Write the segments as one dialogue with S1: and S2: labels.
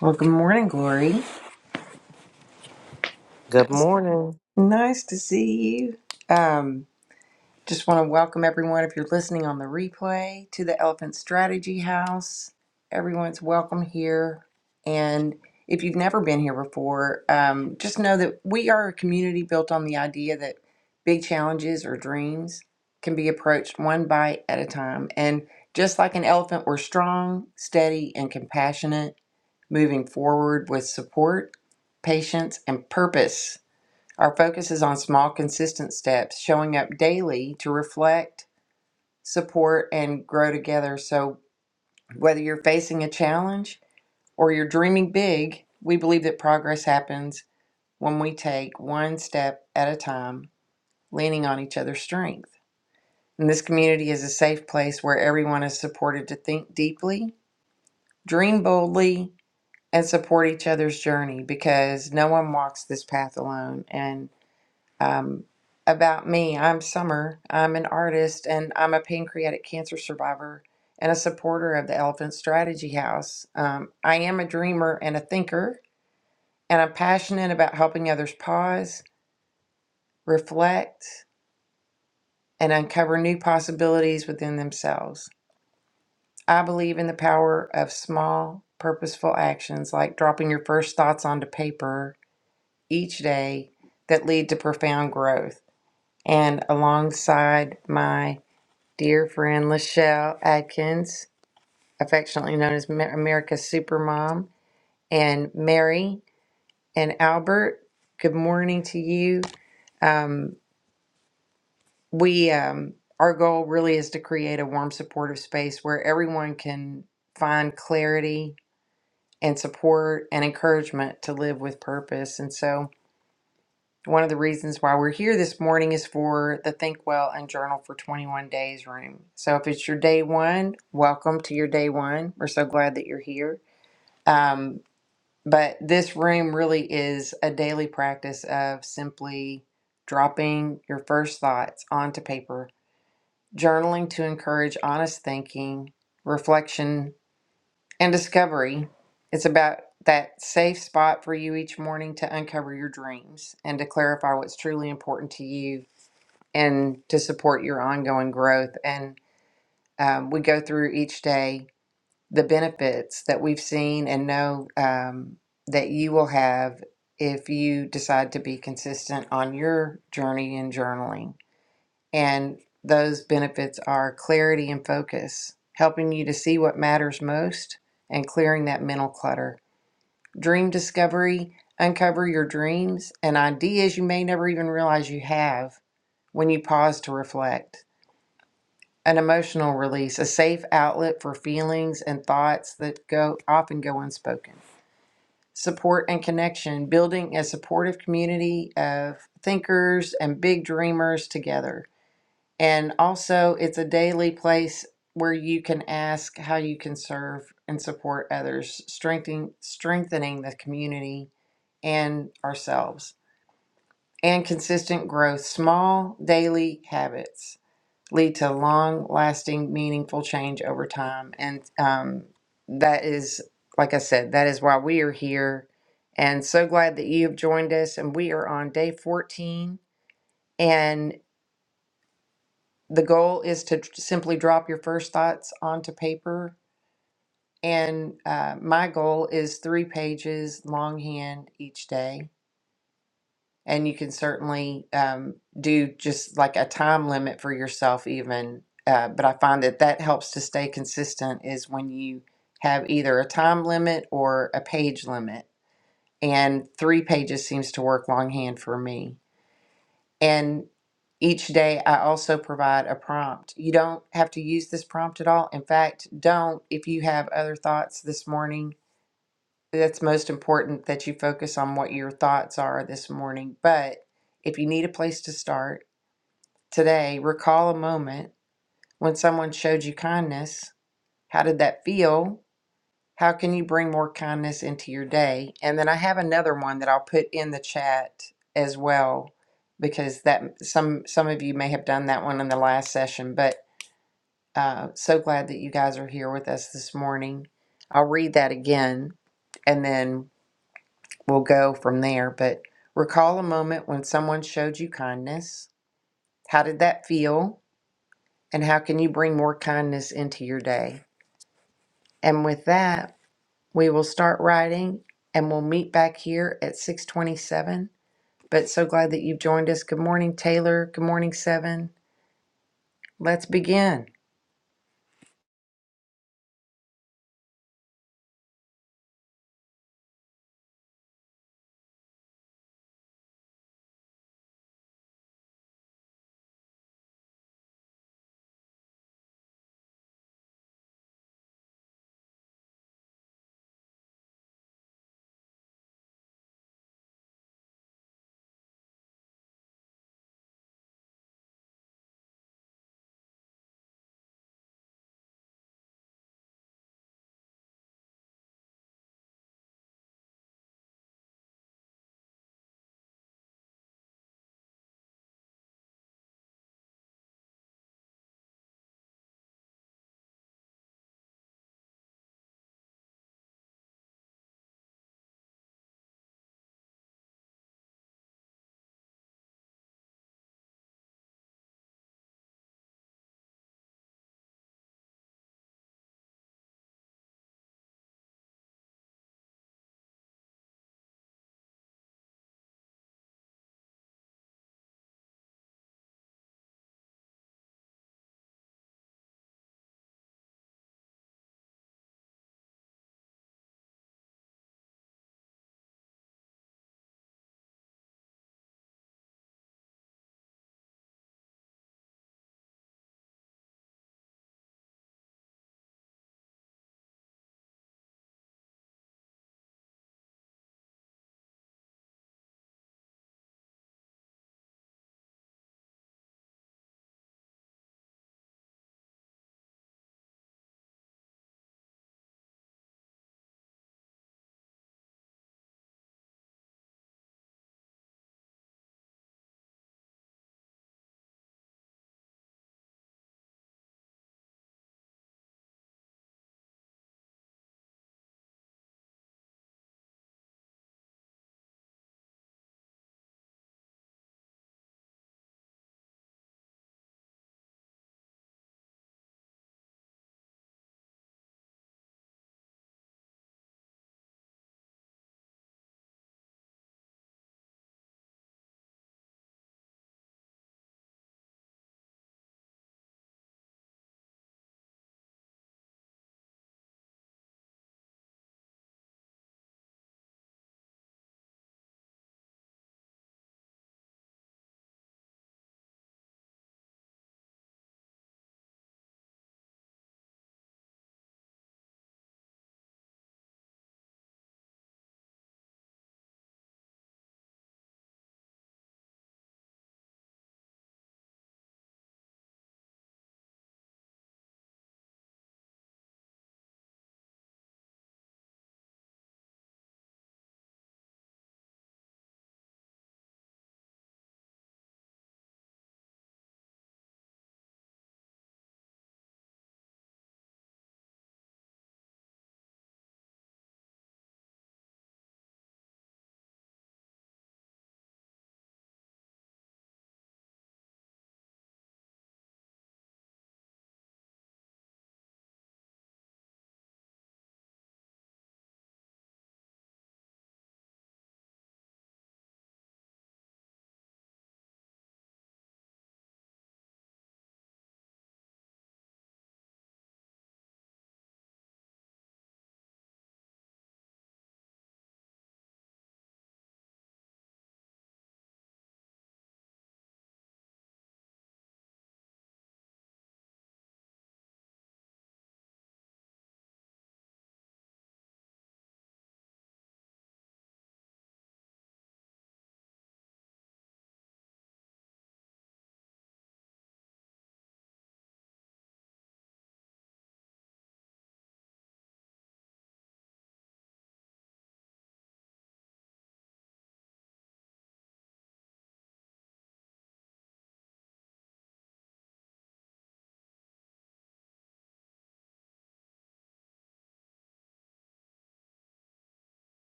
S1: Well, good morning, Glory.
S2: Good morning.
S1: Nice to see you. Um, just want to welcome everyone, if you're listening on the replay, to the Elephant Strategy House. Everyone's welcome here. And if you've never been here before, um, just know that we are a community built on the idea that big challenges or dreams can be approached one bite at a time. And just like an elephant, we're strong, steady, and compassionate, moving forward with support, patience, and purpose. Our focus is on small, consistent steps, showing up daily to reflect, support, and grow together. So, whether you're facing a challenge or you're dreaming big, we believe that progress happens when we take one step at a time, leaning on each other's strength. And this community is a safe place where everyone is supported to think deeply, dream boldly, and support each other's journey because no one walks this path alone. And Um, about me, I'm Summer. I'm an artist and I'm a pancreatic cancer survivor and a supporter of the Elephant Strategy House. Um, I am a dreamer and a thinker, and I'm passionate about helping others pause, reflect, and uncover new possibilities within themselves. I believe in the power of small, purposeful actions like dropping your first thoughts onto paper each day that lead to profound growth. And alongside my Dear friend Lachelle Adkins, affectionately known as Ma- America's Supermom, and Mary and Albert, good morning to you. Um, we, um, our goal really is to create a warm, supportive space where everyone can find clarity and support and encouragement to live with purpose. And so, One of the reasons why we're here this morning is for the Think Well and Journal for 21 Days room. So if it's your day one, welcome to your day one. We're so glad that you're here. Um, but this room really is a daily practice of simply dropping your first thoughts onto paper, journaling to encourage honest thinking, reflection, and discovery. It's about that safe spot for you each morning to uncover your dreams and to clarify what's truly important to you and to support your ongoing growth. And um, we go through each day the benefits that we've seen and know um, that you will have if you decide to be consistent on your journey in journaling. And those benefits are clarity and focus, helping you to see what matters most and clearing that mental clutter. Dream discovery, uncover your dreams and ideas you may never even realize you have when you pause to reflect an emotional release, a safe outlet for feelings and thoughts that go often go unspoken. Support and connection, building a supportive community of thinkers and big dreamers together. And also, it's a daily place where you can ask how you can serve and support others, strengthening strengthening the community and ourselves. And consistent growth, small daily habits lead to long lasting, meaningful change over time. And um, that is, like I said, that is why we are here. And so glad that you have joined us. And we are on day 14. And the goal is to tr- simply drop your first thoughts onto paper. And uh, my goal is three pages longhand each day. and you can certainly um, do just like a time limit for yourself even uh, but i find that that helps to stay consistent is when you have either a time limit or a page limit and three pages seems to work longhand for me and each day i also provide a prompt you don't have to use this prompt at all in fact don't if you have other thoughts this morning that's most important that you focus on what your thoughts are this morning. But if you need a place to start today, recall a moment when someone showed you kindness. How did that feel? How can you bring more kindness into your day? And then I have another one that I'll put in the chat as well because that some some of you may have done that one in the last session, but uh, so glad that you guys are here with us this morning. I'll read that again and then we'll go from there. But recall a moment when someone showed you kindness. How did that feel? And how can you bring more kindness into your day? And with that, we will start writing and we'll meet back here at 627. But so glad that you've joined us. Good morning, Taylor. Good morning, Seven. Let's begin.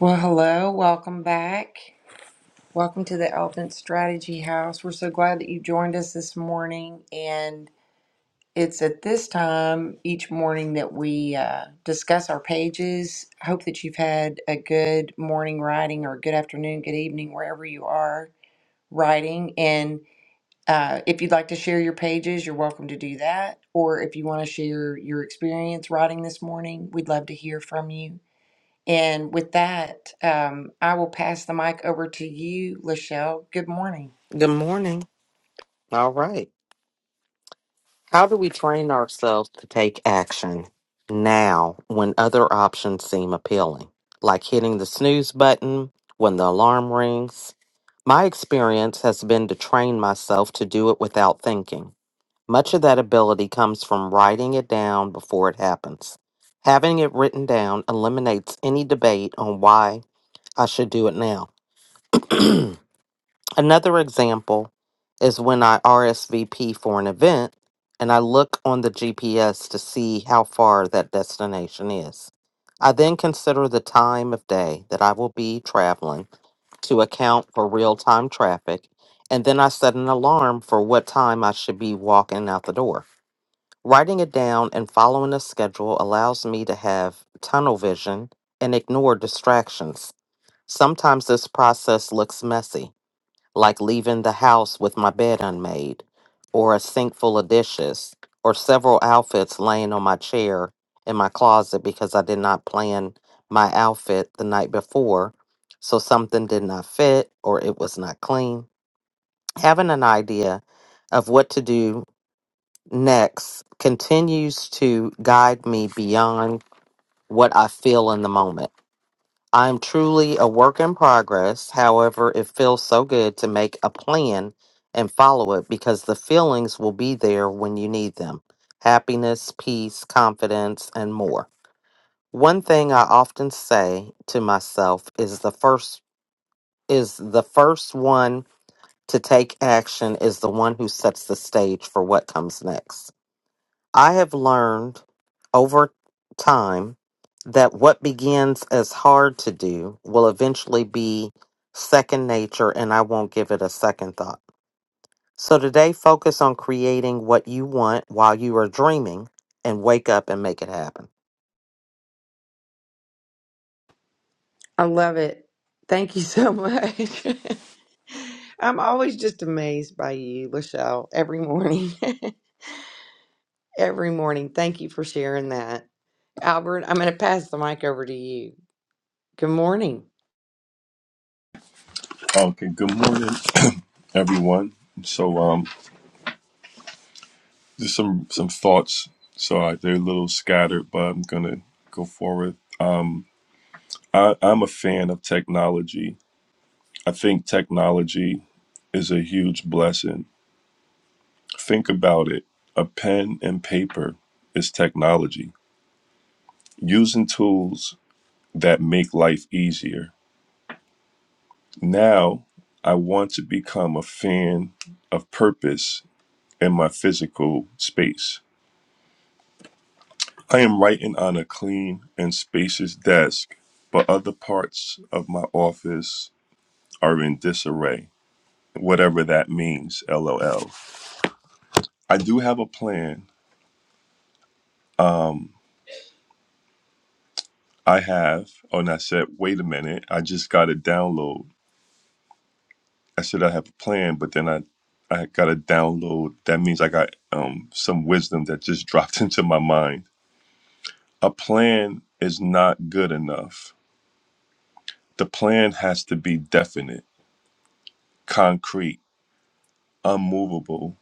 S1: Well, hello. Welcome back. Welcome to the Elephant Strategy House. We're so glad that you joined us this morning. and. It's at this time each morning that we uh, discuss our pages. I hope that you've had a good morning writing or good afternoon, good evening, wherever you are writing. And uh, if you'd like to share your pages, you're welcome to do that. Or if you want to share your experience writing this morning, we'd love to hear from you. And with that, um, I will pass the mic over to you, Lachelle. Good morning.
S2: Good morning. All right. How do we train ourselves to take action now when other options seem appealing, like hitting the snooze button when the alarm rings? My experience has been to train myself to do it without thinking. Much of that ability comes from writing it down before it happens. Having it written down eliminates any debate on why I should do it now. Another example is when I RSVP for an event and I look on the GPS to see how far that destination is. I then consider the time of day that I will be traveling to account for real time traffic, and then I set an alarm for what time I should be walking out the door. Writing it down and following a schedule allows me to have tunnel vision and ignore distractions. Sometimes this process looks messy like leaving the house with my bed unmade, or a sink full of dishes, or several outfits laying on my chair in my closet because I did not plan my outfit the night before, so something did not fit or it was not clean. Having an idea of what to do next continues to guide me beyond what I feel in the moment. I'm truly a work in progress. However, it feels so good to make a plan and follow it because the feelings will be there when you need them happiness, peace, confidence, and more. One thing I often say to myself is the first is the first one to take action is the one who sets the stage for what comes next. I have learned over time that what begins as hard to do will eventually be second nature and I won't give it a second thought. So today, focus on creating what you want while you are dreaming and wake up and make it happen.
S1: I love it. Thank you so much. I'm always just amazed by you, Lachelle, every morning. every morning. Thank you for sharing that. Albert, I'm going to pass the mic over to you. Good morning.
S3: Okay, good morning, everyone. So, um, just some some thoughts. So I, they're a little scattered, but I'm gonna go forward. I, I'm a fan of technology. I think technology is a huge blessing. Think about it. A pen and paper is technology. Using tools that make life easier. Now, I want to become a fan of purpose in my physical space. I am writing on a clean and spacious desk, but other parts of my office are in disarray, whatever that means, lol. I do have a plan. Um, I have, oh, and I said, wait a minute, I just got a download. I said I have a plan, but then I, I got a download. That means I got um, some wisdom that just dropped into my mind. A plan is not good enough. The plan has to be definite, concrete, unmovable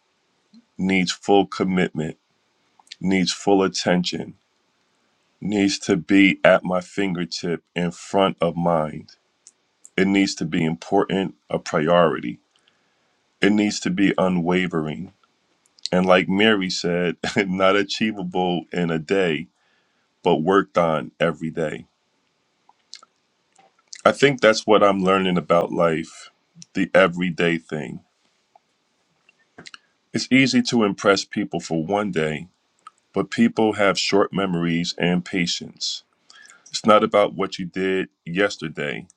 S3: needs full commitment, needs full attention, needs to be at my fingertip in front of mind. It needs to be important, a priority. It needs to be unwavering. And like Mary said, not achievable in a day, but worked on every day. I think that's what I'm learning about life the everyday thing. It's easy to impress people for one day, but people have short memories and patience. It's not about what you did yesterday,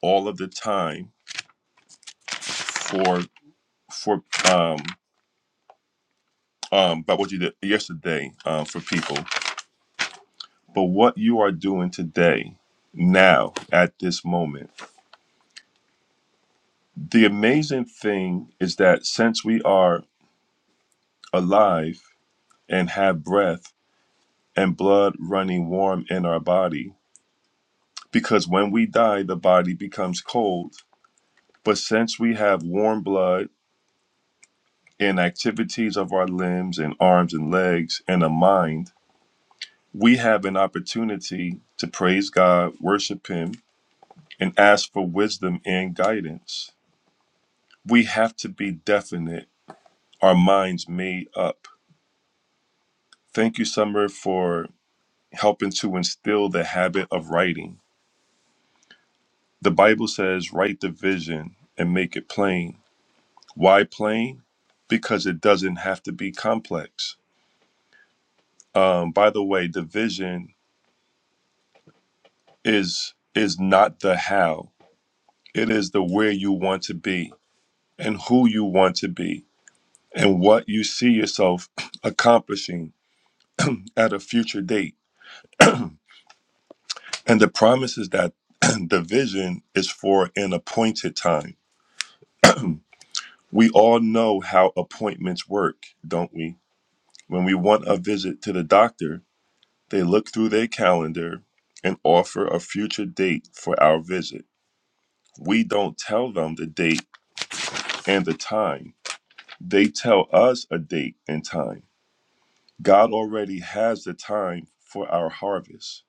S3: all of the time for for um um about what you did yesterday um, for people, but what you are doing today, now at this moment. The amazing thing is that since we are alive and have breath and blood running warm in our body, because when we die, the body becomes cold. But since we have warm blood in activities of our limbs and arms and legs and a mind, we have an opportunity to praise God, worship Him, and ask for wisdom and guidance. We have to be definite, our minds made up. Thank you, Summer, for helping to instill the habit of writing. The Bible says, write the vision and make it plain. Why plain? Because it doesn't have to be complex. Um, by the way, the vision. is is not the how. It is the where you want to be and who you want to be and what you see yourself accomplishing at a future date. And the promise is that the vision is for an appointed time. We all know how appointments work, don't we? When we want a visit to the doctor, they look through their calendar and offer a future date for our visit. We don't tell them the date and the time They tell us a date and time. God already has the time for our harvest.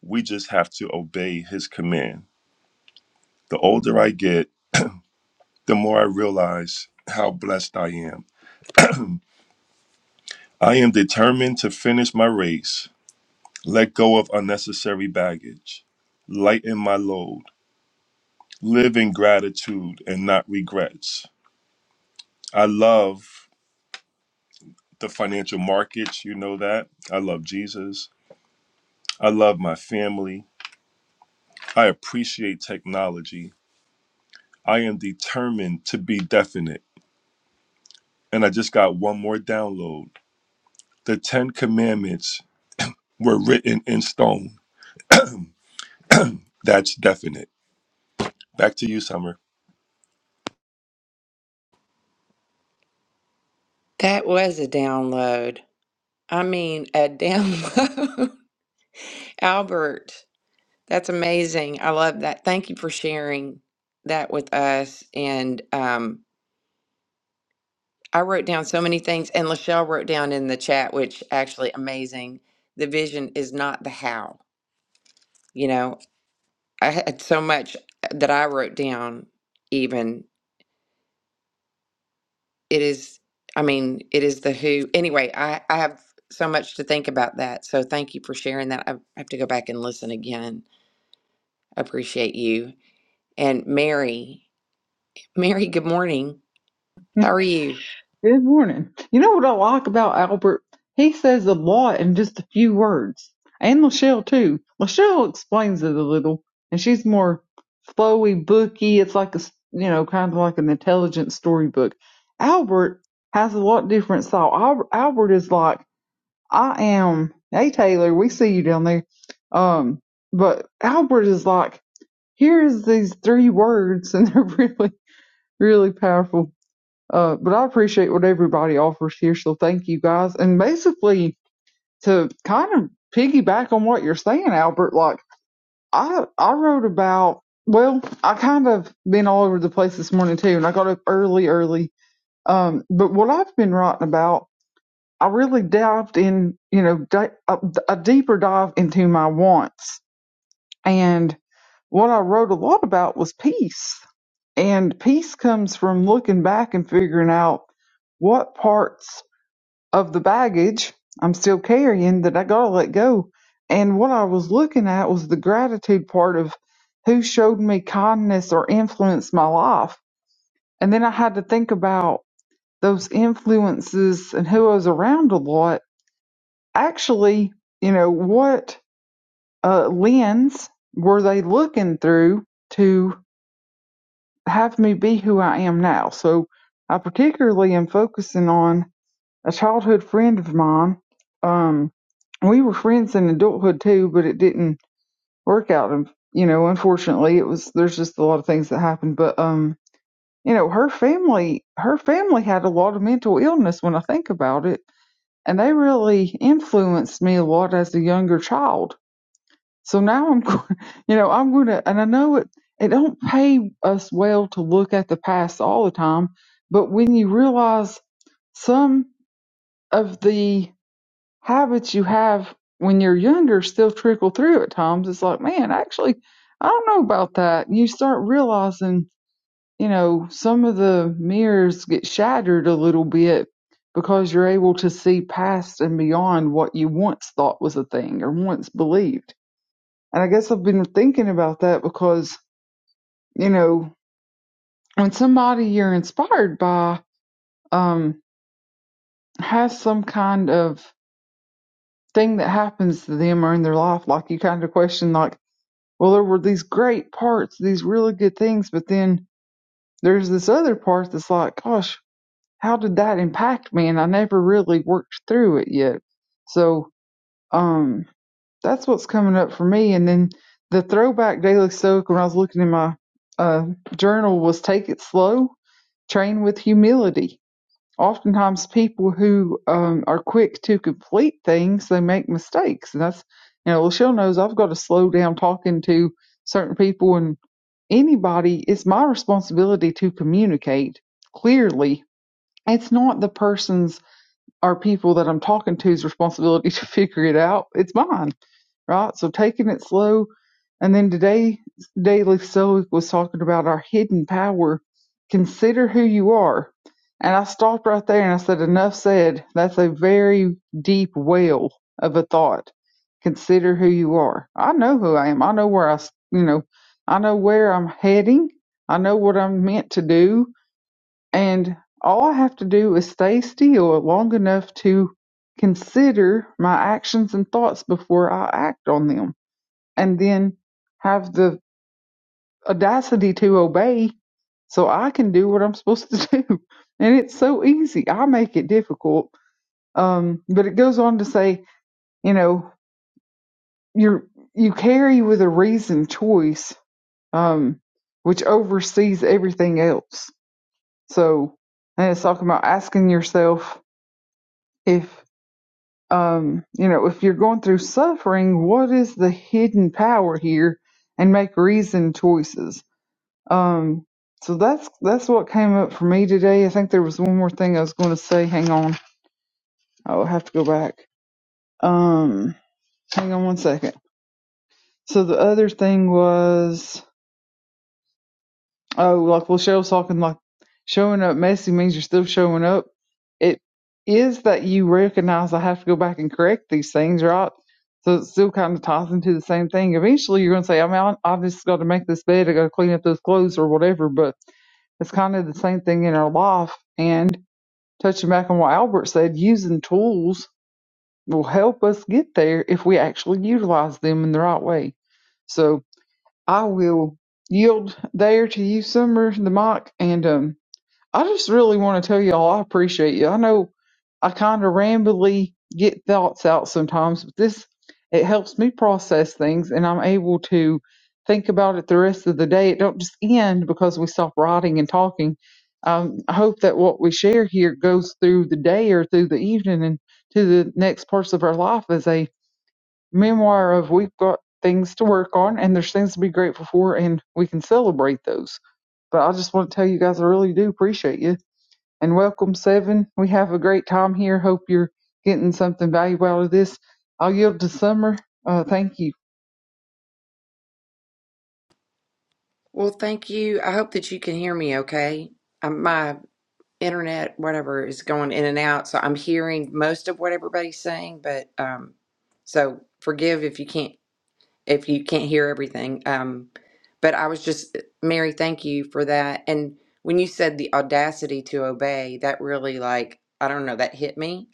S3: We just have to obey his command. The older I get, the more I realize how blessed I am. I am determined to finish my race, let go of unnecessary baggage, lighten my load, live in gratitude and not regrets. I love the financial markets, you know that. I love Jesus. I love my family. I appreciate technology. I am determined to be definite. And I just got one more download. The Ten Commandments were written in stone. That's definite. Back to you, Summer.
S1: That was a download. I mean, a download. Albert, that's amazing. I love that. Thank you for sharing that with us. And um, I wrote down so many things, and Lachelle wrote down in the chat, which actually amazing. The vision is not the how. You know, I had so much uh, that I wrote down, even. It is, I mean, it is the who. Anyway, I, I have so much to think about that. So thank you for sharing that. I have to go back and listen again. I appreciate you. And Mary, Mary, good morning. How are you?
S4: Good morning. You know what I like about Albert? He says a lot in just a few words. And Lachelle too. Lachelle explains it a little, and she's more flowy, booky. It's like a, s- you know, kind of like an intelligent storybook. Albert has a lot different style. Albert, Albert is like, I am, hey Taylor, we see you down there. Um, but Albert is like, here's these three words, and they're really, really powerful. Uh, but I appreciate what everybody offers here, so thank you guys. And basically, to kind of piggyback on what you're saying, Albert, like I I wrote about. Well, I kind of been all over the place this morning too, and I got up early, early. Um, but what I've been writing about, I really dived in, you know, di- a, a deeper dive into my wants and what I wrote a lot about was peace. And peace comes from looking back and figuring out what parts of the baggage I'm still carrying that I gotta let go. And what I was looking at was the gratitude part of who showed me kindness or influenced my life. And then I had to think about those influences and who I was around a lot. Actually, you know, what uh, lens were they looking through? to? have me be who I am now. So I particularly am focusing on a childhood friend of mine. Um, we were friends in adulthood too, but it didn't work out. And you know, unfortunately, it was there's just a lot of things that happened. But um, you know, her family her family had a lot of mental illness when I think about it, and they really influenced me a lot as a younger child. So now I'm, go- you know, I'm going to, and I know it, it don't pay us well to look at the past all the time, but when you realize some of the habits you have when you're younger still trickle through at times, it's like, man, actually, I don't know about that. And you start realizing, you know, some of the mirrors get shattered a little bit because you're able to see past and beyond what you once thought was a thing or once believed and I guess I've been thinking about that because, you know, when somebody you're inspired by um, has some kind of thing that happens to them or in their life, like you kind of question, like, well, there were these great parts, these really good things, but then there's this other part that's like, gosh, how did that impact me? And I never really worked through it yet. So um, that's what's coming up for me. And then the throwback daily stoic when I was looking in my uh, journal was take it slow train with humility. Oftentimes, people who um, are quick to complete things, they make mistakes, and that's you know, Lachelle knows I've got to slow down talking to certain people and anybody. It's my responsibility to communicate clearly. It's not the person's or people that I'm talking to's responsibility to figure it out. It's mine right? So taking it slow. And then today, Daily Stoic was talking about our hidden power. Consider who you are. And I stopped right there and I said, Enough said. That's a very deep well of a thought. Consider who you are. I know who I am. I know where I, you know, I know where I'm heading. I know what I'm meant to do and all I have to do is stay still long enough to consider my actions and thoughts before I act on them, and then have the audacity to obey so I can do what I'm supposed to do. And it's so easy. I make it difficult. Um, but it goes on to say, you know, you're, you carry with a reason choice, um, which oversees everything else. So, and it's talking about asking yourself, if. um, you know, if you're going through suffering, what is the hidden power here, and make reasoned choices. Um, so that's that's what came up for me today. I think there was one more thing I was going to say. Hang on, I'll have to go back. Um, hang on one second. So the other thing was Oh, like well, Cheryl's talking like showing up messy means you're still showing up. It is that you recognize I have to go back and correct these things, right? So it's still kind of ties into the same thing. Eventually, you're going to say, I mean, I- I've just got to make this bed, I got to clean up those clothes or whatever. But it's kind of the same thing in our life. And touching back on what Albert said, using tools will help us get there if we actually utilize them in the right way. So I will yield there to you, Summer, the mic. And um, I just really want to tell y'all I appreciate you. I know I kind of rambly get thoughts out sometimes, but this it helps me process things, and I'm able to think about it the rest of the day. It don't just end because we stop writing and talking. Um, I hope that what we share here goes through the day or through the evening and to the next parts of our life as a memoir of we've got things to work on and there's things to be grateful for and we can celebrate those. But I just want to tell you guys I really do appreciate you and welcome seven. We have a great time here. Hope you're getting something valuable out of this. I'll yield to Summer. Uh, thank you.
S1: Well, thank you. I hope that you can hear me okay. Um, my internet, whatever is going in and out. So I'm hearing most of what everybody's saying, but um, so forgive if you can't if you can't hear everything. Um, but I was just Mary, thank you for that. And when you said the audacity to obey, that really like I don't know that hit me.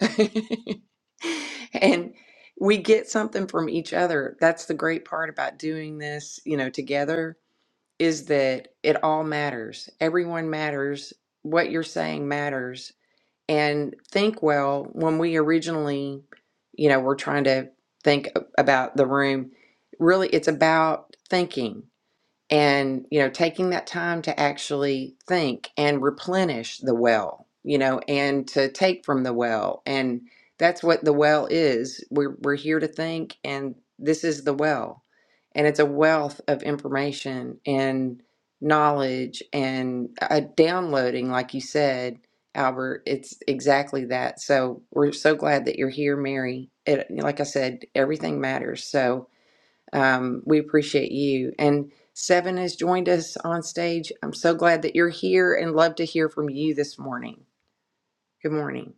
S1: and we get something from each other. That's the great part about doing this, you know, together is that it all matters. Everyone matters what you're saying matters and think well when we originally you know we're trying to think about the room really it's about thinking and you know taking that time to actually think and replenish the well you know and to take from the well and that's what the well is we're we're here to think and this is the well and it's a wealth of information and knowledge and uh, downloading like you said Albert it's exactly that so we're so glad that you're here Mary it like I said everything matters so um, we appreciate you. And Seven has joined us on stage. I'm so glad that you're here and love to hear from you this morning. Good morning.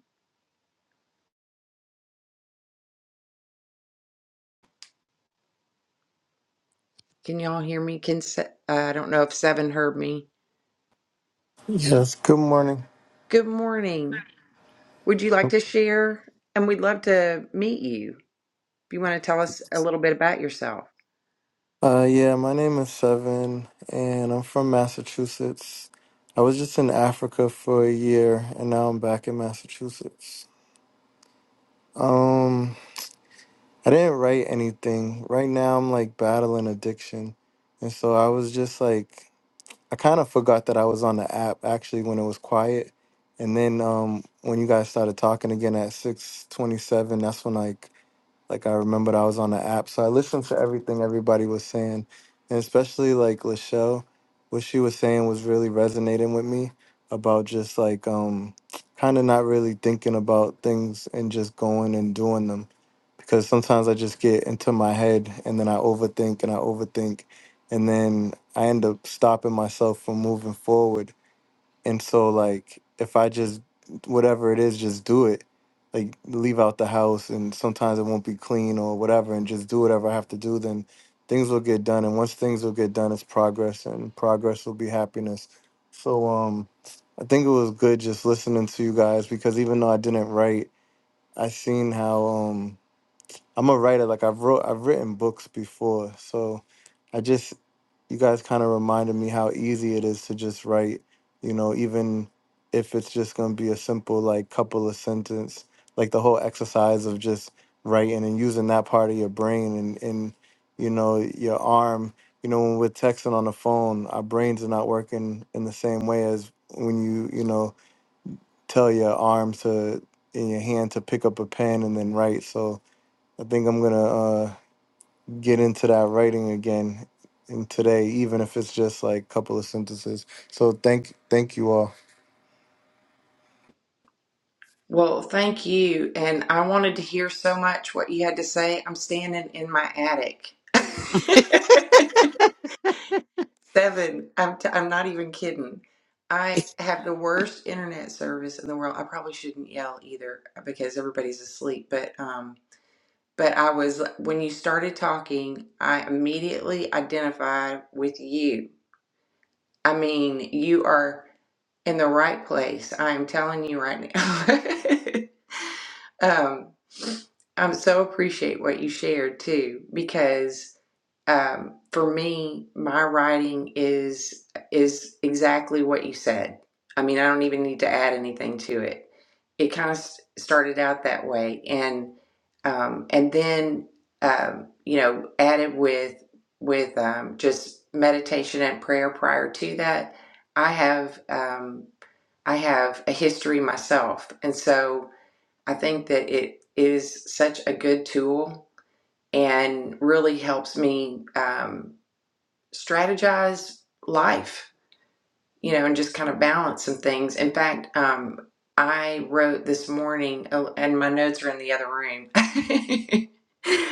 S1: Can y'all hear me? Can Se- uh, I don't know if Seven heard me.
S5: Yes, good morning.
S1: Good morning. Would you like to share? And we'd love to meet you. If you want to tell us a little bit about yourself.
S5: Uh, yeah, my name is Seven, and I'm from Massachusetts. I was just in Africa for a year, and now I'm back in Massachusetts. Um, I didn't write anything. Right now, I'm like battling addiction, and so I was just like, I kind of forgot that I was on the app actually when it was quiet, and then um, when you guys started talking again at six twenty-seven, that's when like Like I remembered I was on the app, so I listened to everything everybody was saying, and especially like Lachelle, what she was saying was really resonating with me about just like um, kind of not really thinking about things and just going and doing them, because sometimes I just get into my head and then I overthink and I overthink, and then I end up stopping myself from moving forward and so like if I just whatever it is, just do it. Like leave out the house and sometimes it won't be clean or whatever and just do whatever I have to do, then things will get done. And once things will get done it's progress and progress will be happiness. So um I think it was good just listening to you guys because even though I didn't write, I seen how um I'm a writer. Like I've wrote, I've written books before, so I just you guys kind of reminded me how easy it is to just write. You know, even if it's just gonna be a simple like couple of sentence, like the whole exercise of just writing and using that part of your brain and and you know your arm. You know, when we're texting on the phone, our brains are not working in the same way as when you you know tell your arm to in your hand to pick up a pen and then write. So I think I'm gonna uh, get into that writing again in today, even if it's just like a couple of sentences. So thank thank you all.
S1: Well, thank you. And I wanted to hear so much what you had to say. I'm standing in my attic. Seven. I'm t- I'm not even kidding. I have the worst internet service in the world. I probably shouldn't yell either uh, because everybody's asleep, but um but I was when you started talking, I immediately identified with you. I mean, you are in the right place. I am telling you right now. Um, I'm so appreciate what you shared too, because um, for me, my writing is is exactly what you said. I mean, I don't even need to add anything to it. It kind of s- started out that way, and um, and then um, you know added with with um, just meditation and prayer prior to that. I have um, I have a history myself, and so I think that it is such a good tool and really helps me um, strategize life, you know, and just kind of balance some things. In fact, um, I wrote this morning, oh, and my notes are in the other room.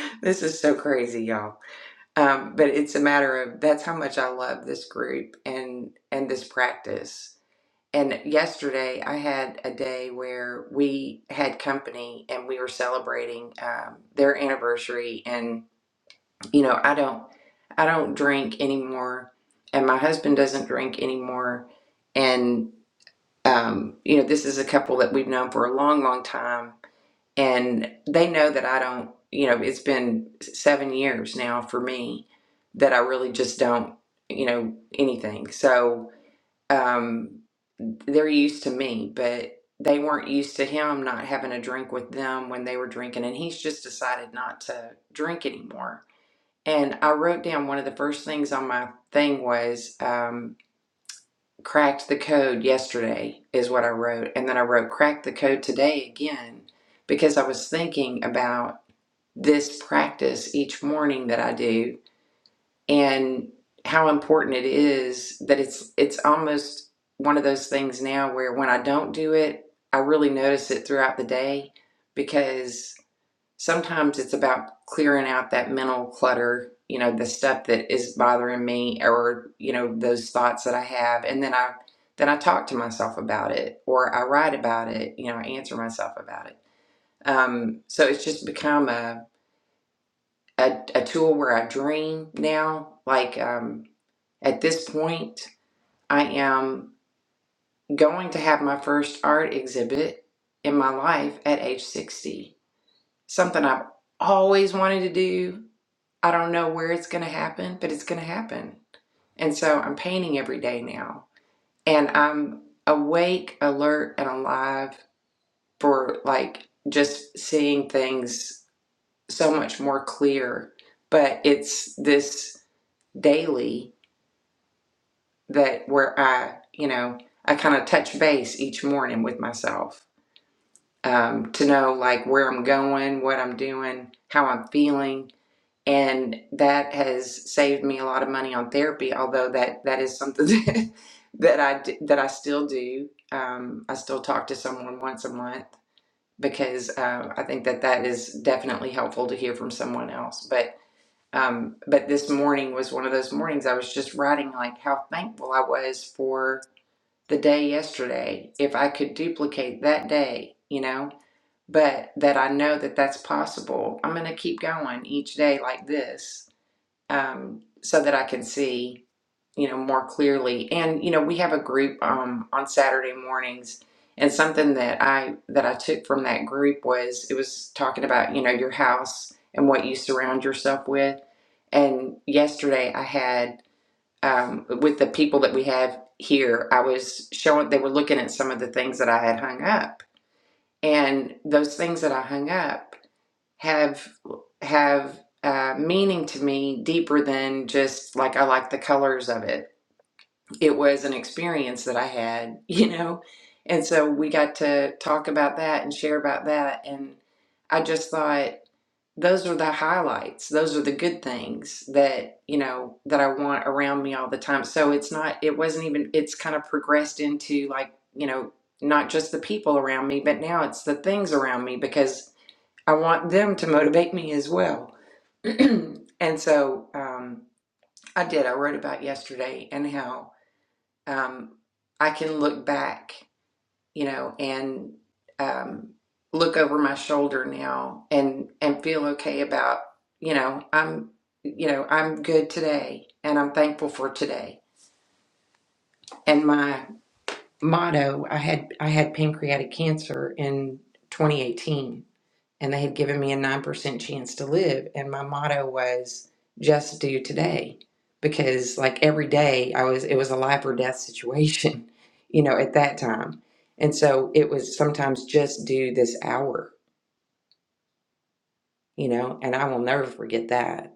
S1: this is so crazy, y'all. Um, but it's a matter of that's how much I love this group and and this practice and yesterday I had a day where we had company and we were celebrating um, their anniversary. And you know, I don't, I don't drink anymore, and my husband doesn't drink anymore. And um, you know, this is a couple that we've known for a long, long time, and they know that I don't. You know, it's been seven years now for me that I really just don't. You know anything. So. Um, they're used to me, but they weren't used to him not having a drink with them when they were drinking. And he's just decided not to drink anymore. And I wrote down one of the first things on my thing was um, cracked the code yesterday, is what I wrote. And then I wrote cracked the code today again because I was thinking about this practice each morning that I do and how important it is that it's it's almost one of those things now where when I don't do it, I really notice it throughout the day because sometimes it's about clearing out that mental clutter, you know, the stuff that is bothering me or, you know, those thoughts that I have and then I then I talk to myself about it or I write about it, you know, I answer myself about it. Um, so it's just become a, a a tool where I dream now. Like um at this point, I am going to have my first art exhibit in my life at age 60. Something I've always wanted to do. I don't know where it's going to happen, but it's going to happen. And so I'm painting every day now. And I'm awake, alert, and alive for like just seeing things so much more clear. But it's this daily that where I, you know, I kind of touch base each morning with myself um, to know like where I'm going, what I'm doing, how I'm feeling. And that has saved me a lot of money on therapy, although that, that is something that, that I d- that I still do. Um, I still talk to someone once a month because uh, I think that that is definitely helpful to hear from someone else. But um, but this morning was one of those mornings I was just writing like how thankful I was for the day yesterday if I could duplicate that day, you know, but that I know that that's possible. I'm going to keep going each day like this um, so that I can see, you know, more clearly. And you know, we have a group um, on Saturday mornings, and something that I that I took from that group was it was talking about you know your house and what you surround yourself with. And yesterday I had um, with the people that we have here, I was showing, they were looking at some of the things that I had hung up. And those things that I hung up have, have, uh, meaning to me deeper than just like I like the colors of it it was an experience that I had, you know? And so we got to talk about that and share about that. And I just thought, those are the highlights. Those are the good things that, you know, that I want around me all the time. So it's not, it wasn't even, it's kind of progressed into like, you know, not just the people around me, but now it's the things around me because I want them to motivate me as well. and so um, I did. I wrote about yesterday and how um, I can look back, you know, and um, look over my shoulder now and and feel okay about, you know, I'm, you know, I'm good today, and I'm thankful for today. And my motto, I had I had pancreatic cancer in 2018 and they had given me a 9% chance to live and my motto was just do today because like every day i was it was a life or death situation you know at that time and so it was sometimes just do this hour you know and i will never forget that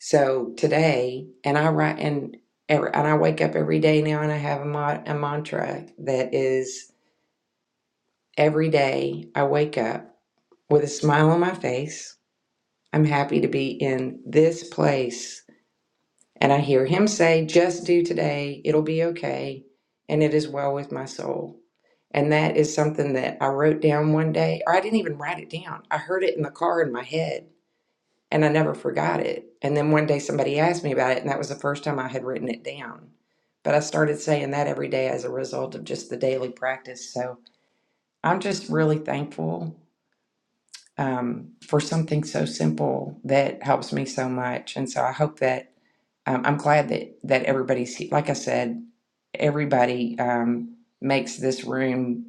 S1: so today and i write and every, and i wake up every day now and i have a, mo- a mantra that is every day i wake up with a smile on my face I'm happy to be in this place. And I hear him say, Just do today, it'll be okay. And it is well with my soul. And that is something that I wrote down one day, or I didn't even write it down. I heard it in the car in my head and I never forgot it. And then one day somebody asked me about it, and that was the first time I had written it down. But I started saying that every day as a result of just the daily practice. So I'm just really thankful um, for something so simple that helps me so much. And so I hope that um, I'm glad that that everybody's he- like I said, everybody um, makes this room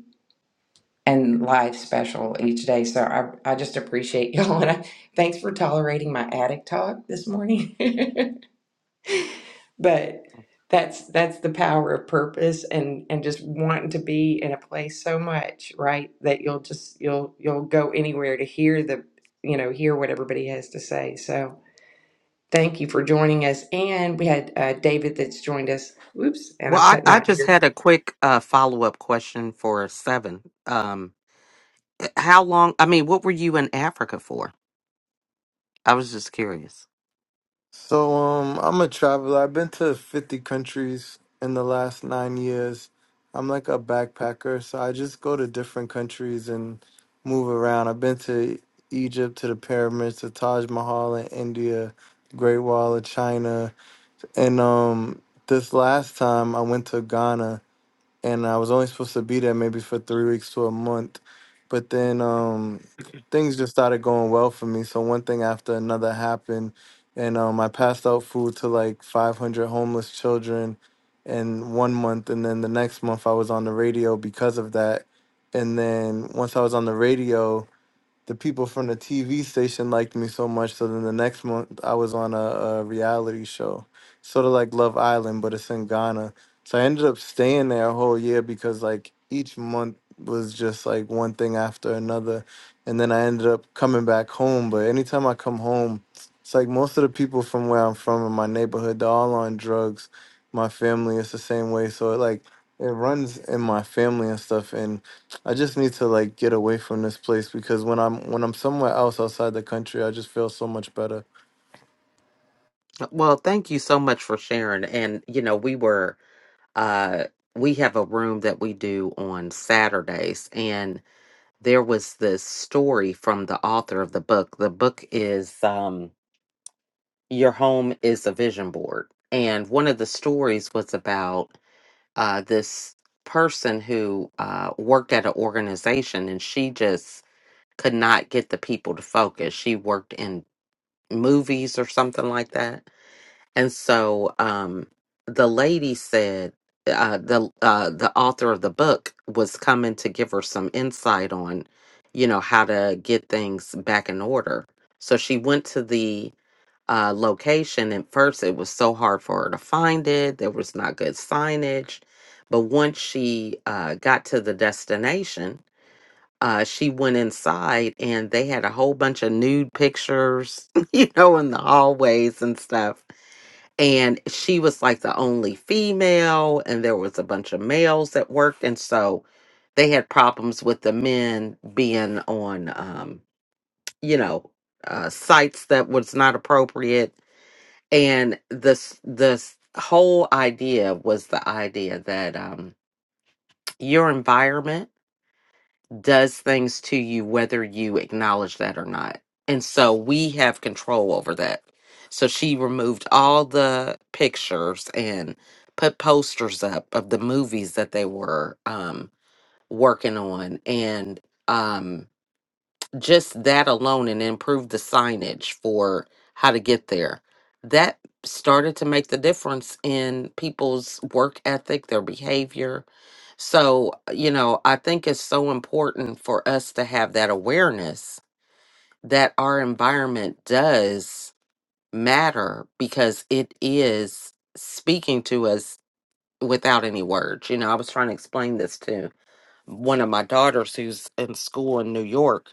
S1: and life special each day. So I I just appreciate y'all and I, thanks for tolerating my attic talk this morning. but that's that's the power of purpose and and just wanting to be in a place so much right that you'll just you'll you'll go anywhere to hear the you know hear what everybody has to say so thank you for joining us and we had uh, david that's joined us oops and
S2: Well,
S1: i'm
S2: I,
S1: cutting
S2: I
S1: out
S2: just
S1: here
S2: had a quick uh, follow up question for seven. Um, how long, I mean, what were you in Africa for? I was just curious.
S5: So um, I'm a traveler. I've been to 50 countries in the last nine years. I'm like a backpacker, so I just go to different countries and move around. I've been to Egypt, to the pyramids, to Taj Mahal in India, Great Wall of China, and um, this last time I went to Ghana and I was only supposed to be there maybe for three weeks to a month. But then um, things just started going well for me. So one thing after another happened, and um, I passed out food to like 500 homeless children in one month, and then the next month I was on the radio because of that. And then once I was on the radio the people from the TV station liked me so much. So then the next month, I was on a, a reality show, sort of like Love Island, but it's in Ghana. So I ended up staying there a whole year because like each month was just like one thing after another. And then I ended up coming back home. But anytime I come home, it's like most of the people from where I'm from in my neighborhood, they're all on drugs. My family, it's the same way. So it like it runs in my family and stuff. And I just need to like get away from this place because when I'm when I'm somewhere else outside the country, I just feel so much better.
S2: Well, thank you so much for sharing. And, you know, we were uh, we have a room that we do on Saturdays, and there was this story from the author of the book. The book is um, Your Home is a Vision Board. And one of the stories was about uh, this person who uh, worked at an organization and she just could not get the people to focus. She worked in movies or something like that and so um, the lady said uh, the uh, the author of the book was coming to give her some insight on, you know, how to get things back in order. So she went to the uh, location, and first it was so hard for her to find it. There was not good signage, but once she uh, got to the destination. Uh, she went inside and they had a whole bunch of nude pictures, you know, in the hallways and stuff and she was like the only female and there was a bunch of males that worked and so they had problems with the men being on um you know uh sites that was not appropriate and this this whole idea was the idea that um your environment does things to you whether you acknowledge that or not. And so we have control over that. So she removed all the pictures and put posters up of the movies that they were um working on and um just that alone and improve the signage for how to get there that started to make the difference in people's work ethic their behavior so uh, you know i think it's so important for us to have that awareness that our environment does matter because it is speaking to us without any words you know i was trying to explain this to one of my daughters who's in school in new york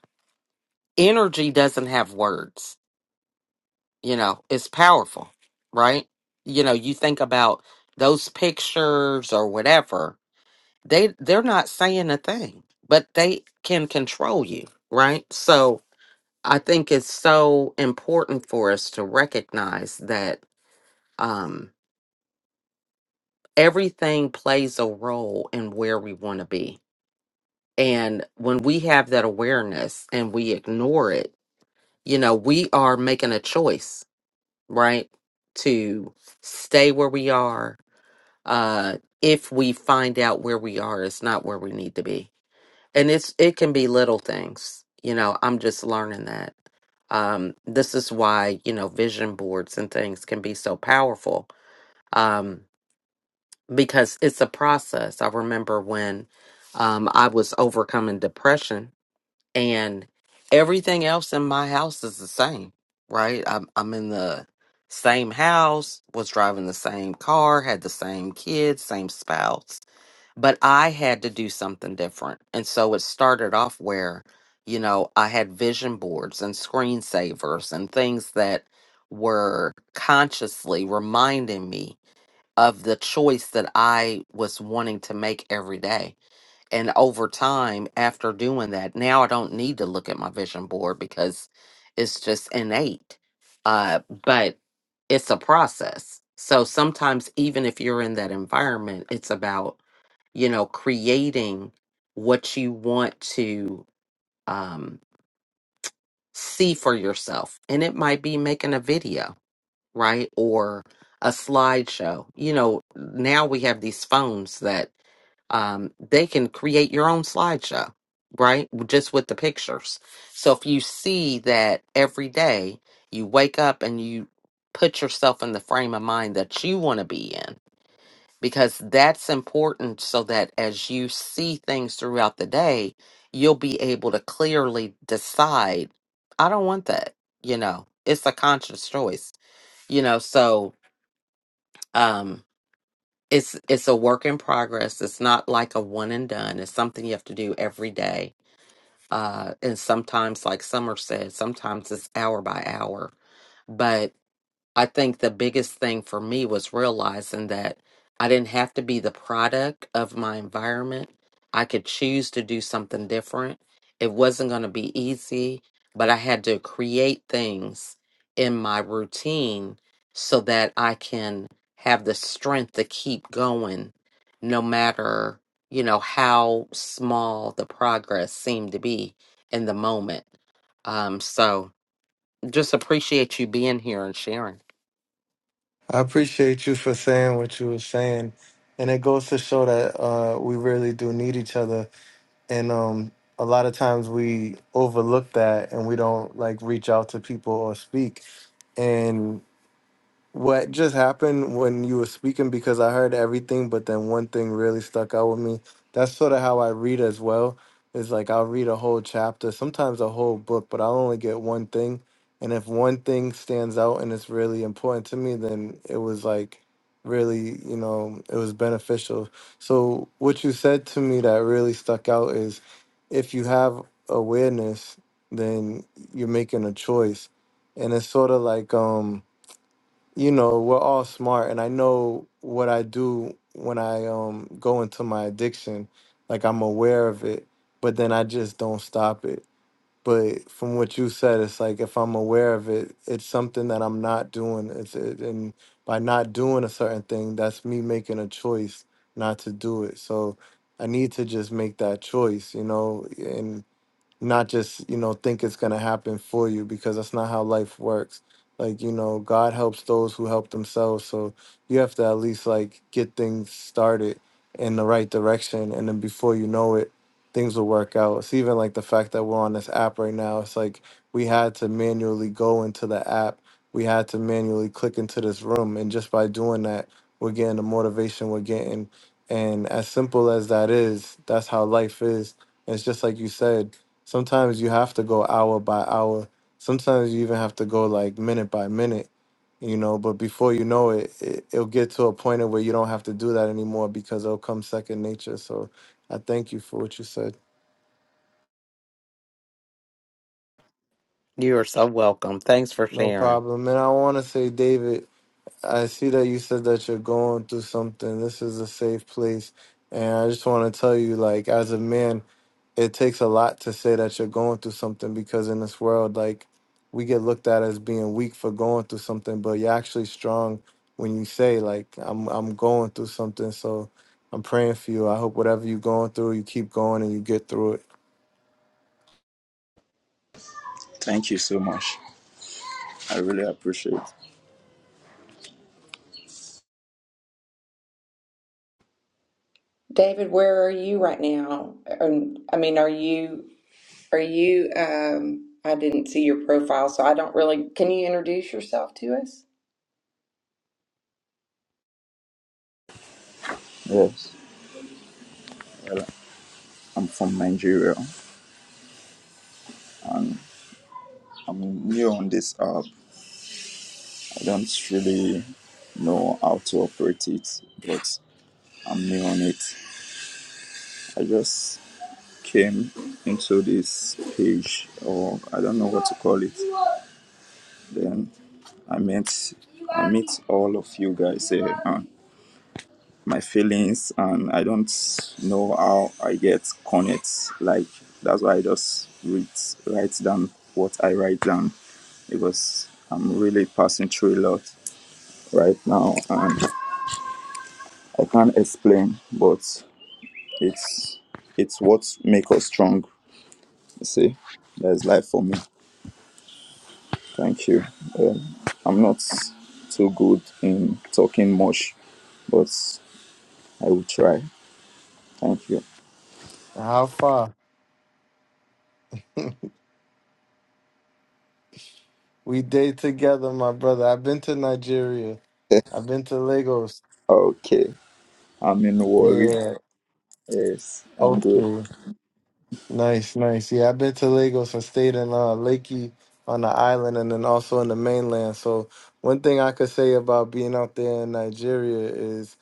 S2: energy doesn't have words. You know, it's powerful, right? You know, you think about those pictures or whatever, they they're not saying a thing, but they can control you, right? So I think it's so important for us to recognize that um everything plays a role in where we want to be. And when we have that awareness and we ignore it, you know, we are making a choice right? To stay where we are. Uh, if we find out where we are, it's not where we need to be, and it's it can be little things. You know, I'm just learning that. Um, this is why you know vision boards and things can be so powerful um, because it's a process. I remember when um, I was overcoming depression and everything else in my house is the same, right? I'm I'm in the same house, was driving the same car, had the same kids, same spouse, but I had to do something different. And so it started off where, you know, I had vision boards and screensavers and things that were consciously reminding me of the choice that I was wanting to make every day and over time after doing that now i don't need to look at my vision board because it's just innate uh but it's a process so sometimes even if you're in that environment it's about you know creating what you want to um see for yourself and it might be making a video right? Or a slideshow. You know, now we have these phones that um, they can create your own slideshow, right? Just with the pictures. So if you see that every day you wake up and you put yourself in the frame of mind that you want to be in, because that's important so that as you see things throughout the day, you'll be able to clearly decide, I don't want that. You know, it's a conscious choice you know so um it's it's a work in progress it's not like a one and done it's something you have to do every day uh and sometimes like summer said sometimes it's hour by hour But. I think the biggest thing for me was realizing that I didn't have to be the product of my environment. I could choose to do something different. It wasn't going to be easy, but I had to create things in my routine so that I can have the strength to keep going no matter, you know, how small the progress seemed to be in the moment. Um so just appreciate you being here and sharing.
S5: I appreciate you for saying what you were saying, and it goes to show that uh, we really do need each other. And um, a lot of times we overlook that and we don't like reach out to people or speak. and what just happened when you were speaking because I heard everything, but then one thing really stuck out with me. That's sort of how I read as well. Is like I'll read a whole chapter, sometimes a whole book, but I'll only get one thing. And if one thing stands out and it's really important to me, then it was like really, you know, it was beneficial. So what you said to me that really stuck out is if you have awareness, then you're making a choice. And it's sort of like um you know, we're all smart, and I know what I do when I um go into my addiction. Like I'm aware of it, but then I just don't stop it. But from what you said, it's like if I'm aware of it, it's something that I'm not doing. It's it, and by not doing a certain thing, that's me making a choice not to do it. So I need to just make that choice, you know, and not just you know think it's going to happen for you because that's not how life works like you know god helps those who help themselves so you have to at least like get things started in the right direction and then before you know it things will work out it's even like the fact that we're on this app right now it's like we had to manually go into the app we had to manually click into this room and just by doing that we're getting the motivation we're getting and as simple as that is that's how life is it's just like you said Sometimes you have to go hour by hour. Sometimes you even have to go like minute by minute, you know. But before you know it, it it'll get to a point of where you don't have to do that anymore because it'll come second nature. So I thank you for what you said.
S2: You are so welcome. Thanks for
S5: No
S2: sharing.
S5: problem. And I want to say, David, I see that you said that you're going through something. This is a safe place. And I just want to tell you, like, as a man it takes a lot to say that you're going through something because in this world, like we get looked at as being weak for going through something, but you're actually strong when you say like I'm I'm going through something. So I'm praying for you. I hope whatever you're going through, you keep going and you get through it.
S6: Thank you so much. I really appreciate it.
S1: David, where are you right now? Um, I mean, are you are you um I didn't see your profile, so I don't really can you introduce yourself to us?
S6: Yes. I'm from Nigeria. I'm new on this app. I don't really know how to operate it, but I'm new on it. I just came into this page, or I don't know what to call it. Then I met I meet all of you guys here. and my feelings and I don't know how I get connect. Like that's why I just read write down what I write down because I'm really passing through a lot right now and I can't explain but it's it's what make us strong. You see, there's life for me. Thank you. Um, I'm not too good in talking much, but I will try. Thank you.
S5: How far? We date together, my brother. I've been to Nigeria. I've been to Lagos.
S6: Okay, I'm in worry.
S5: Yeah.
S6: Yes, I'm good.
S5: Okay. Nice, nice. Yeah, I've been to Lagos and stayed in uh, Lakey on the island and then also in the mainland. So, one thing I could say about being out there in Nigeria is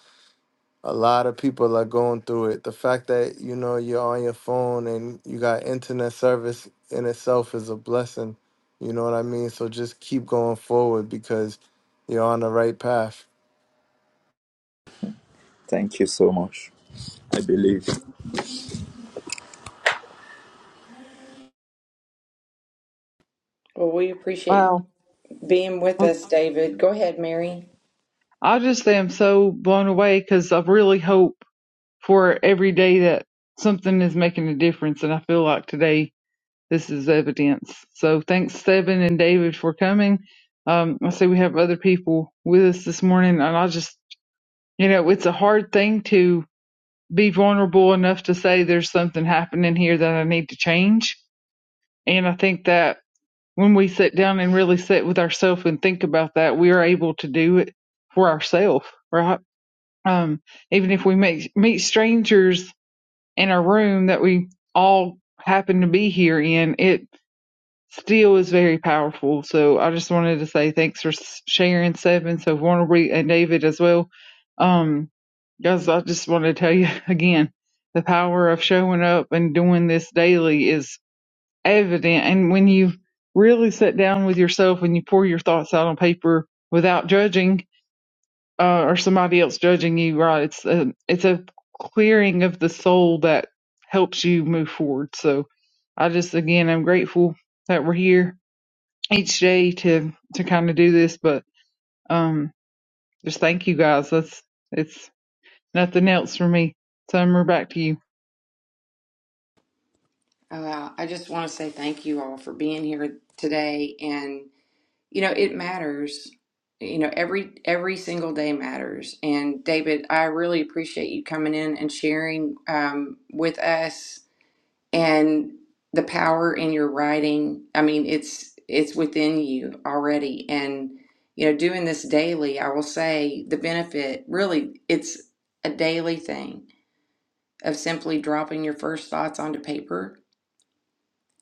S5: a lot of people are going through it. The fact that, you know, you're on your phone and you got internet service in itself is a blessing. You know what I mean? So, just keep going forward because you're on the right path.
S6: Thank you so much. I believe.
S1: Well, we appreciate you.
S4: Wow.
S1: being with
S4: Oh,
S1: us, David. Go ahead, Mary.
S4: I just am so blown away because I really hope for every day that something is making a difference and I feel like today this is evidence. So thanks, Seven and David, for coming. Um, I see we have other people with us this morning, and I just, you know, it's a hard thing to be vulnerable enough to say there's something happening here that I need to change. And I think that when we sit down and really sit with ourselves and think about that, we are able to do it for ourselves, right? Um, even if we make, meet strangers in a room that we all happen to be here in, it Steel is very powerful. So I just wanted to say thanks for s- sharing seven so vulnerably and David as well. Um, guys, I just want to tell you again, the power of showing up and doing this daily is evident. And when you really sit down with yourself and you pour your thoughts out on paper without judging, uh, or somebody else judging you, right? It's a, it's a clearing of the soul that helps you move forward. So I just, again, I'm grateful that we're here each day to to kind of do this but um just thank you guys that's it's nothing else for me summer back to you
S1: Uh, I just want to say thank you all for being here today, and you know it matters. You know every every single day matters. And David, I really appreciate you coming in and sharing um, with us and the power in your writing. I mean, it's it's within you already, and you know doing this daily. I will say the benefit really it's a daily thing of simply dropping your first thoughts onto paper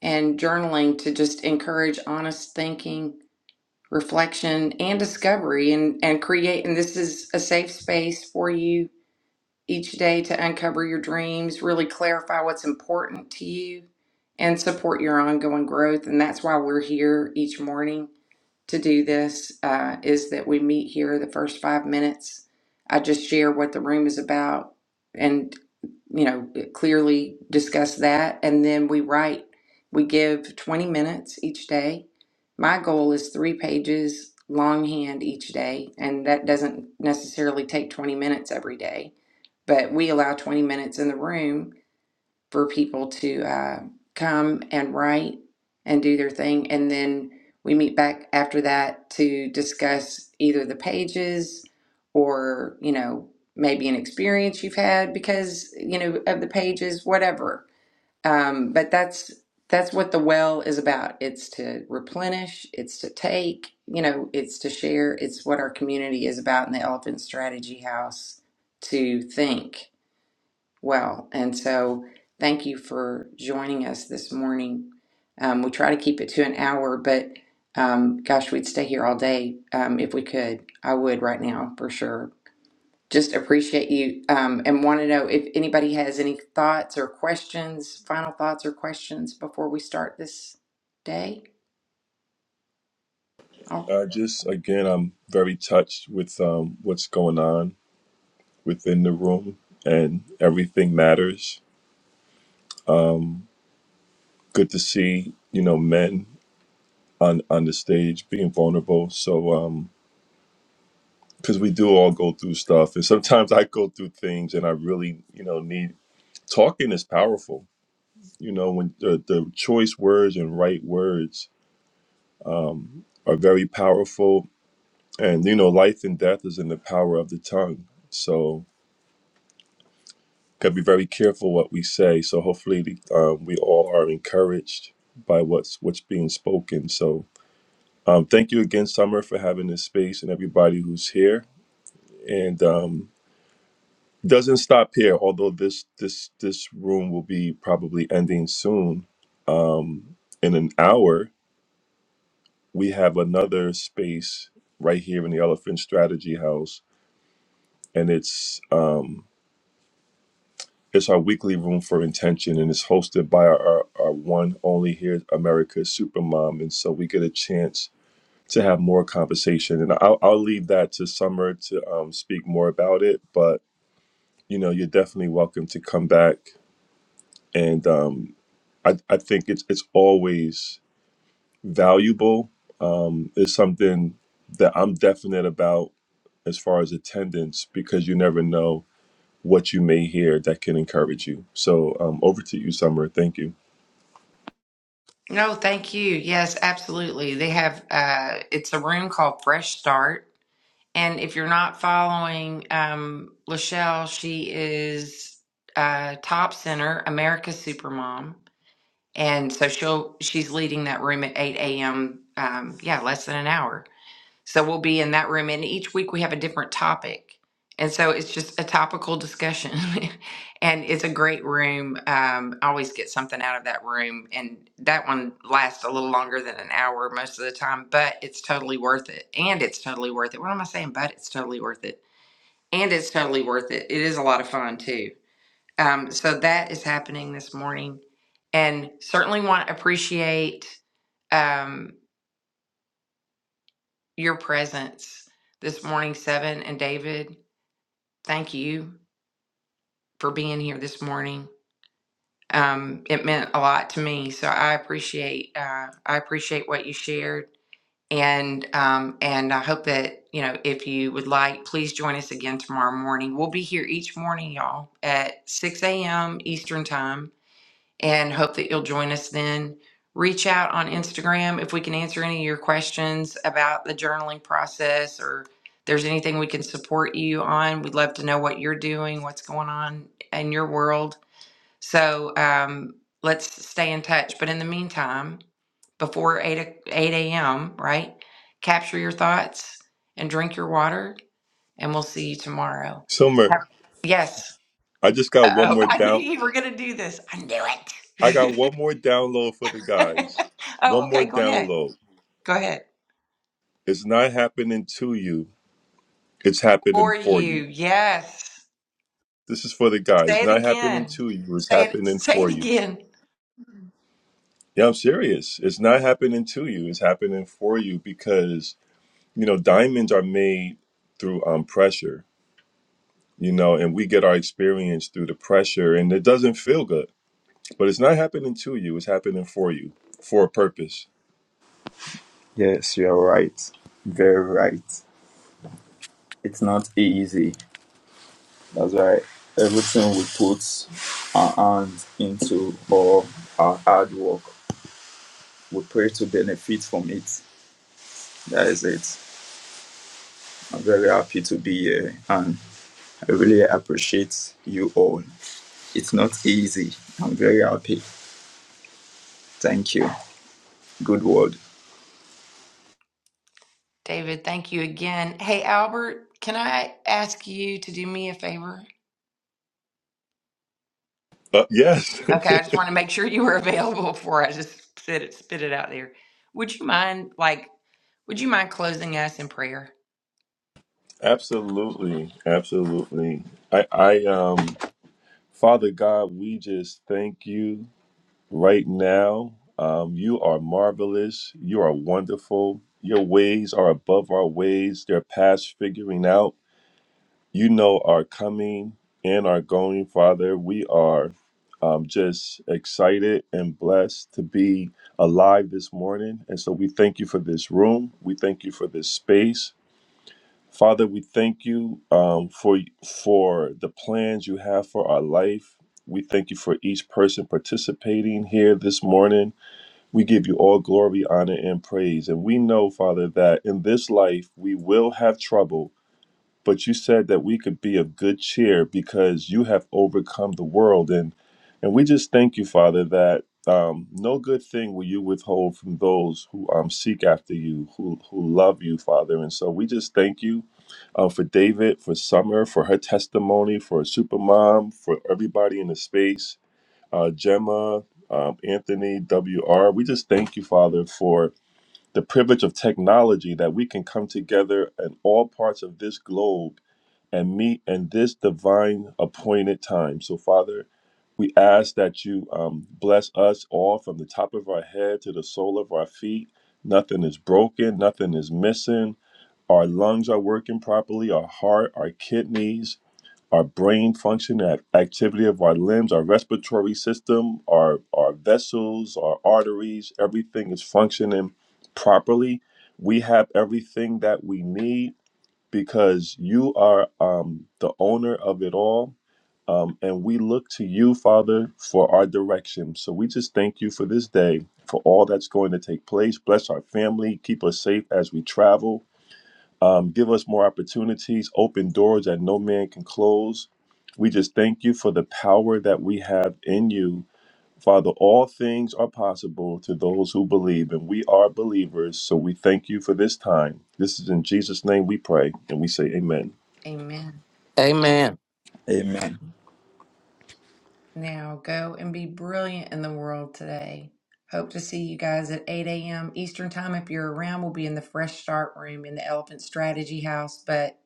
S1: and journaling to just encourage honest thinking, reflection, and discovery and, and create. And this is a safe space for you each day to uncover your dreams, really clarify what's important to you, and support your ongoing growth. And that's why we're here each morning to do this uh, is that we meet here the first five minutes. I just share what the room is about and, you know, clearly discuss that. And then we write, we give 20 minutes each day. My goal is three pages longhand each day, and that doesn't necessarily take 20 minutes every day, but we allow 20 minutes in the room for people to uh, come and write and do their thing. And then we meet back after that to discuss either the pages or, you know, maybe an experience you've had because, you know, of the pages, whatever. Um, but that's that's what the well is about. It's to replenish, it's to take, you know, it's to share. It's what our community is about in the Elephant Strategy House to think well. And so, thank you for joining us this morning. Um, we try to keep it to an hour, but um, gosh, we'd stay here all day um, if we could. I would right now for sure. Just appreciate you um, and want to know if anybody has any thoughts or questions, final thoughts or questions before we start this day. Oh,
S3: Uh, just again, I'm very touched with um, what's going on within the room, and everything matters. Good to see you know men on on the stage being vulnerable. So um, because we do all go through stuff, and sometimes I go through things, and I really you know need talking is powerful. You know, when the, the choice words and right words um, are very powerful, and you know, life and death is in the power of the tongue. So, gotta be very careful what we say. So, hopefully, um, we all are encouraged by what's what's being spoken. So, um, thank you again, Summer, for having this space and everybody who's here. And um, it doesn't stop here, although this this this room will be probably ending soon. Um, in an hour, we have another space right here in the Elephant Strategy House, and it's um, it's our weekly room for intention, and it's hosted by our, our, our one only here, America's Supermom, and so we get a chance to have more conversation, and I'll, I'll leave that to Summer to um, speak more about it, but you know you're definitely welcome to come back, and um, I, I think it's it's always valuable. It's something that I'm definite about as far as attendance because you never know what you may hear that can encourage you. So um, over to you, Summer. Thank you,
S1: no, thank you. Yes, absolutely. They have, uh, it's a room called Fresh Start And if you're not following um, Lachelle, she is uh, top center, America's Supermom, and so she'll she's leading that room at eight a.m. Um, yeah, less than an hour. So we'll be in that room, and each week we have a different topic. And so it's just a topical discussion. and it's a great room. Um, I always get something out of that room. And that one lasts a little longer than an hour most of the time, but it's totally worth it. And it's totally worth it. What am I saying? But it's totally worth it. And it's totally worth it. It is a lot of fun, too. Um, so that is happening this morning. And certainly want to appreciate. Um, your presence this morning, Seven and David. Thank you for being here this morning. Um, it meant a lot to me, so I appreciate uh, I appreciate what you shared, and um, and I hope that you know if you would like, please join us again tomorrow morning. We'll be here each morning, y'all, at six a.m. Eastern time and hope that you'll join us then. Reach out on Instagram if we can answer any of your questions about the journaling process or there's anything we can support you on. We'd love to know what you're doing, what's going on in your world. So um, let's stay in touch. But in the meantime, before 8, o- 8 a.m., right? Capture your thoughts and drink your water, and we'll see you tomorrow.
S3: Summer.
S1: Have- yes.
S3: I just got one
S1: Oh,
S3: more
S1: I knew
S3: down.
S1: you were going to do this. I knew
S3: I
S1: it.
S3: got one more download for the guys.
S1: Oh,
S3: One more
S1: okay. Go ahead.
S3: download.
S1: Go ahead.
S3: It's not happening to you. It's happening
S1: For
S3: for you.
S1: you. Yes.
S3: This is for the guys.
S1: Say it
S3: Not happening
S1: again.
S3: to you. It's
S1: Say it,
S3: happening
S1: say
S3: for
S1: it
S3: you.
S1: again.
S3: Yeah, I'm serious. It's not happening to you. It's happening for you because you know diamonds are made through um, pressure you know, and we get our experience through the pressure, and it doesn't feel good. But it's not happening to you; it's happening for you, for a purpose.
S6: Yes, you're right. Very right. It's not easy. That's why everything we put our hands into or our hard work, we pray to benefit from it. That is it. I'm very happy to be here and I really appreciate you all. It's not easy. I'm very happy. Thank you. Good word.
S1: David, thank you again. Hey, Albert, can I ask you to do me a favor?
S3: Uh, yes,
S1: Okay, I just want to make sure you were available before I just spit it, spit it out there. Would you mind, like, would you mind closing us in prayer?
S3: absolutely, absolutely. I, I, um, Father God, we just thank you right now. Um, you are marvelous. You are wonderful. Your ways are above our ways. They're past figuring out. you know our coming and our going, Father. We are um, just excited and blessed to be alive this morning. And so we thank you for this room. We thank you for this space. Father, we thank you um, for for the plans you have for our life. We thank you for each person participating here this morning. We give you all glory, honor, and praise. And we know, Father, that in this life we will have trouble, but you said that we could be of good cheer because you have overcome the world and and we just thank you father that um, no good thing will you withhold from those who um, seek after you who who love you father and so we just thank you uh, for david for summer for her testimony for supermom for everybody in the space uh, gemma um, anthony wr we just thank you father for the privilege of technology that we can come together in all parts of this globe and meet in this divine appointed time. So, Father, we ask that you um, bless us all from the top of our head to the sole of our feet. Nothing is broken, nothing is missing. Our lungs are working properly, our heart, our kidneys, our brain function, ac- activity of our limbs, our respiratory system, our, our vessels, our arteries, everything is functioning properly. We have everything that we need because you are um, the owner of it all. Um, and we look to you, Father, for our direction. So we just thank you for this day, for all that's going to take place. Bless our family. Keep us safe as we travel. Um, give us more opportunities. Open doors that no man can close. We just thank you for the power that we have in you. Father, all things are possible to those who believe, and we are believers. So we thank you for this time. This is in Jesus' name we pray, and we say, Amen.
S1: Amen.
S2: Amen.
S6: Amen.
S1: Now go and be brilliant in the world today. Hope to see you guys at 8 a.m. Eastern Time. If you're around, we'll be in the Fresh Start Room in the Elephant Strategy House. But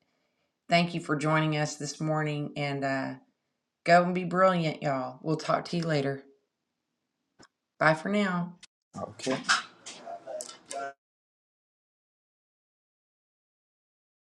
S1: thank you for joining us this morning and uh, go and be brilliant, y'all. We'll talk to you later. Bye for now.
S6: Okay.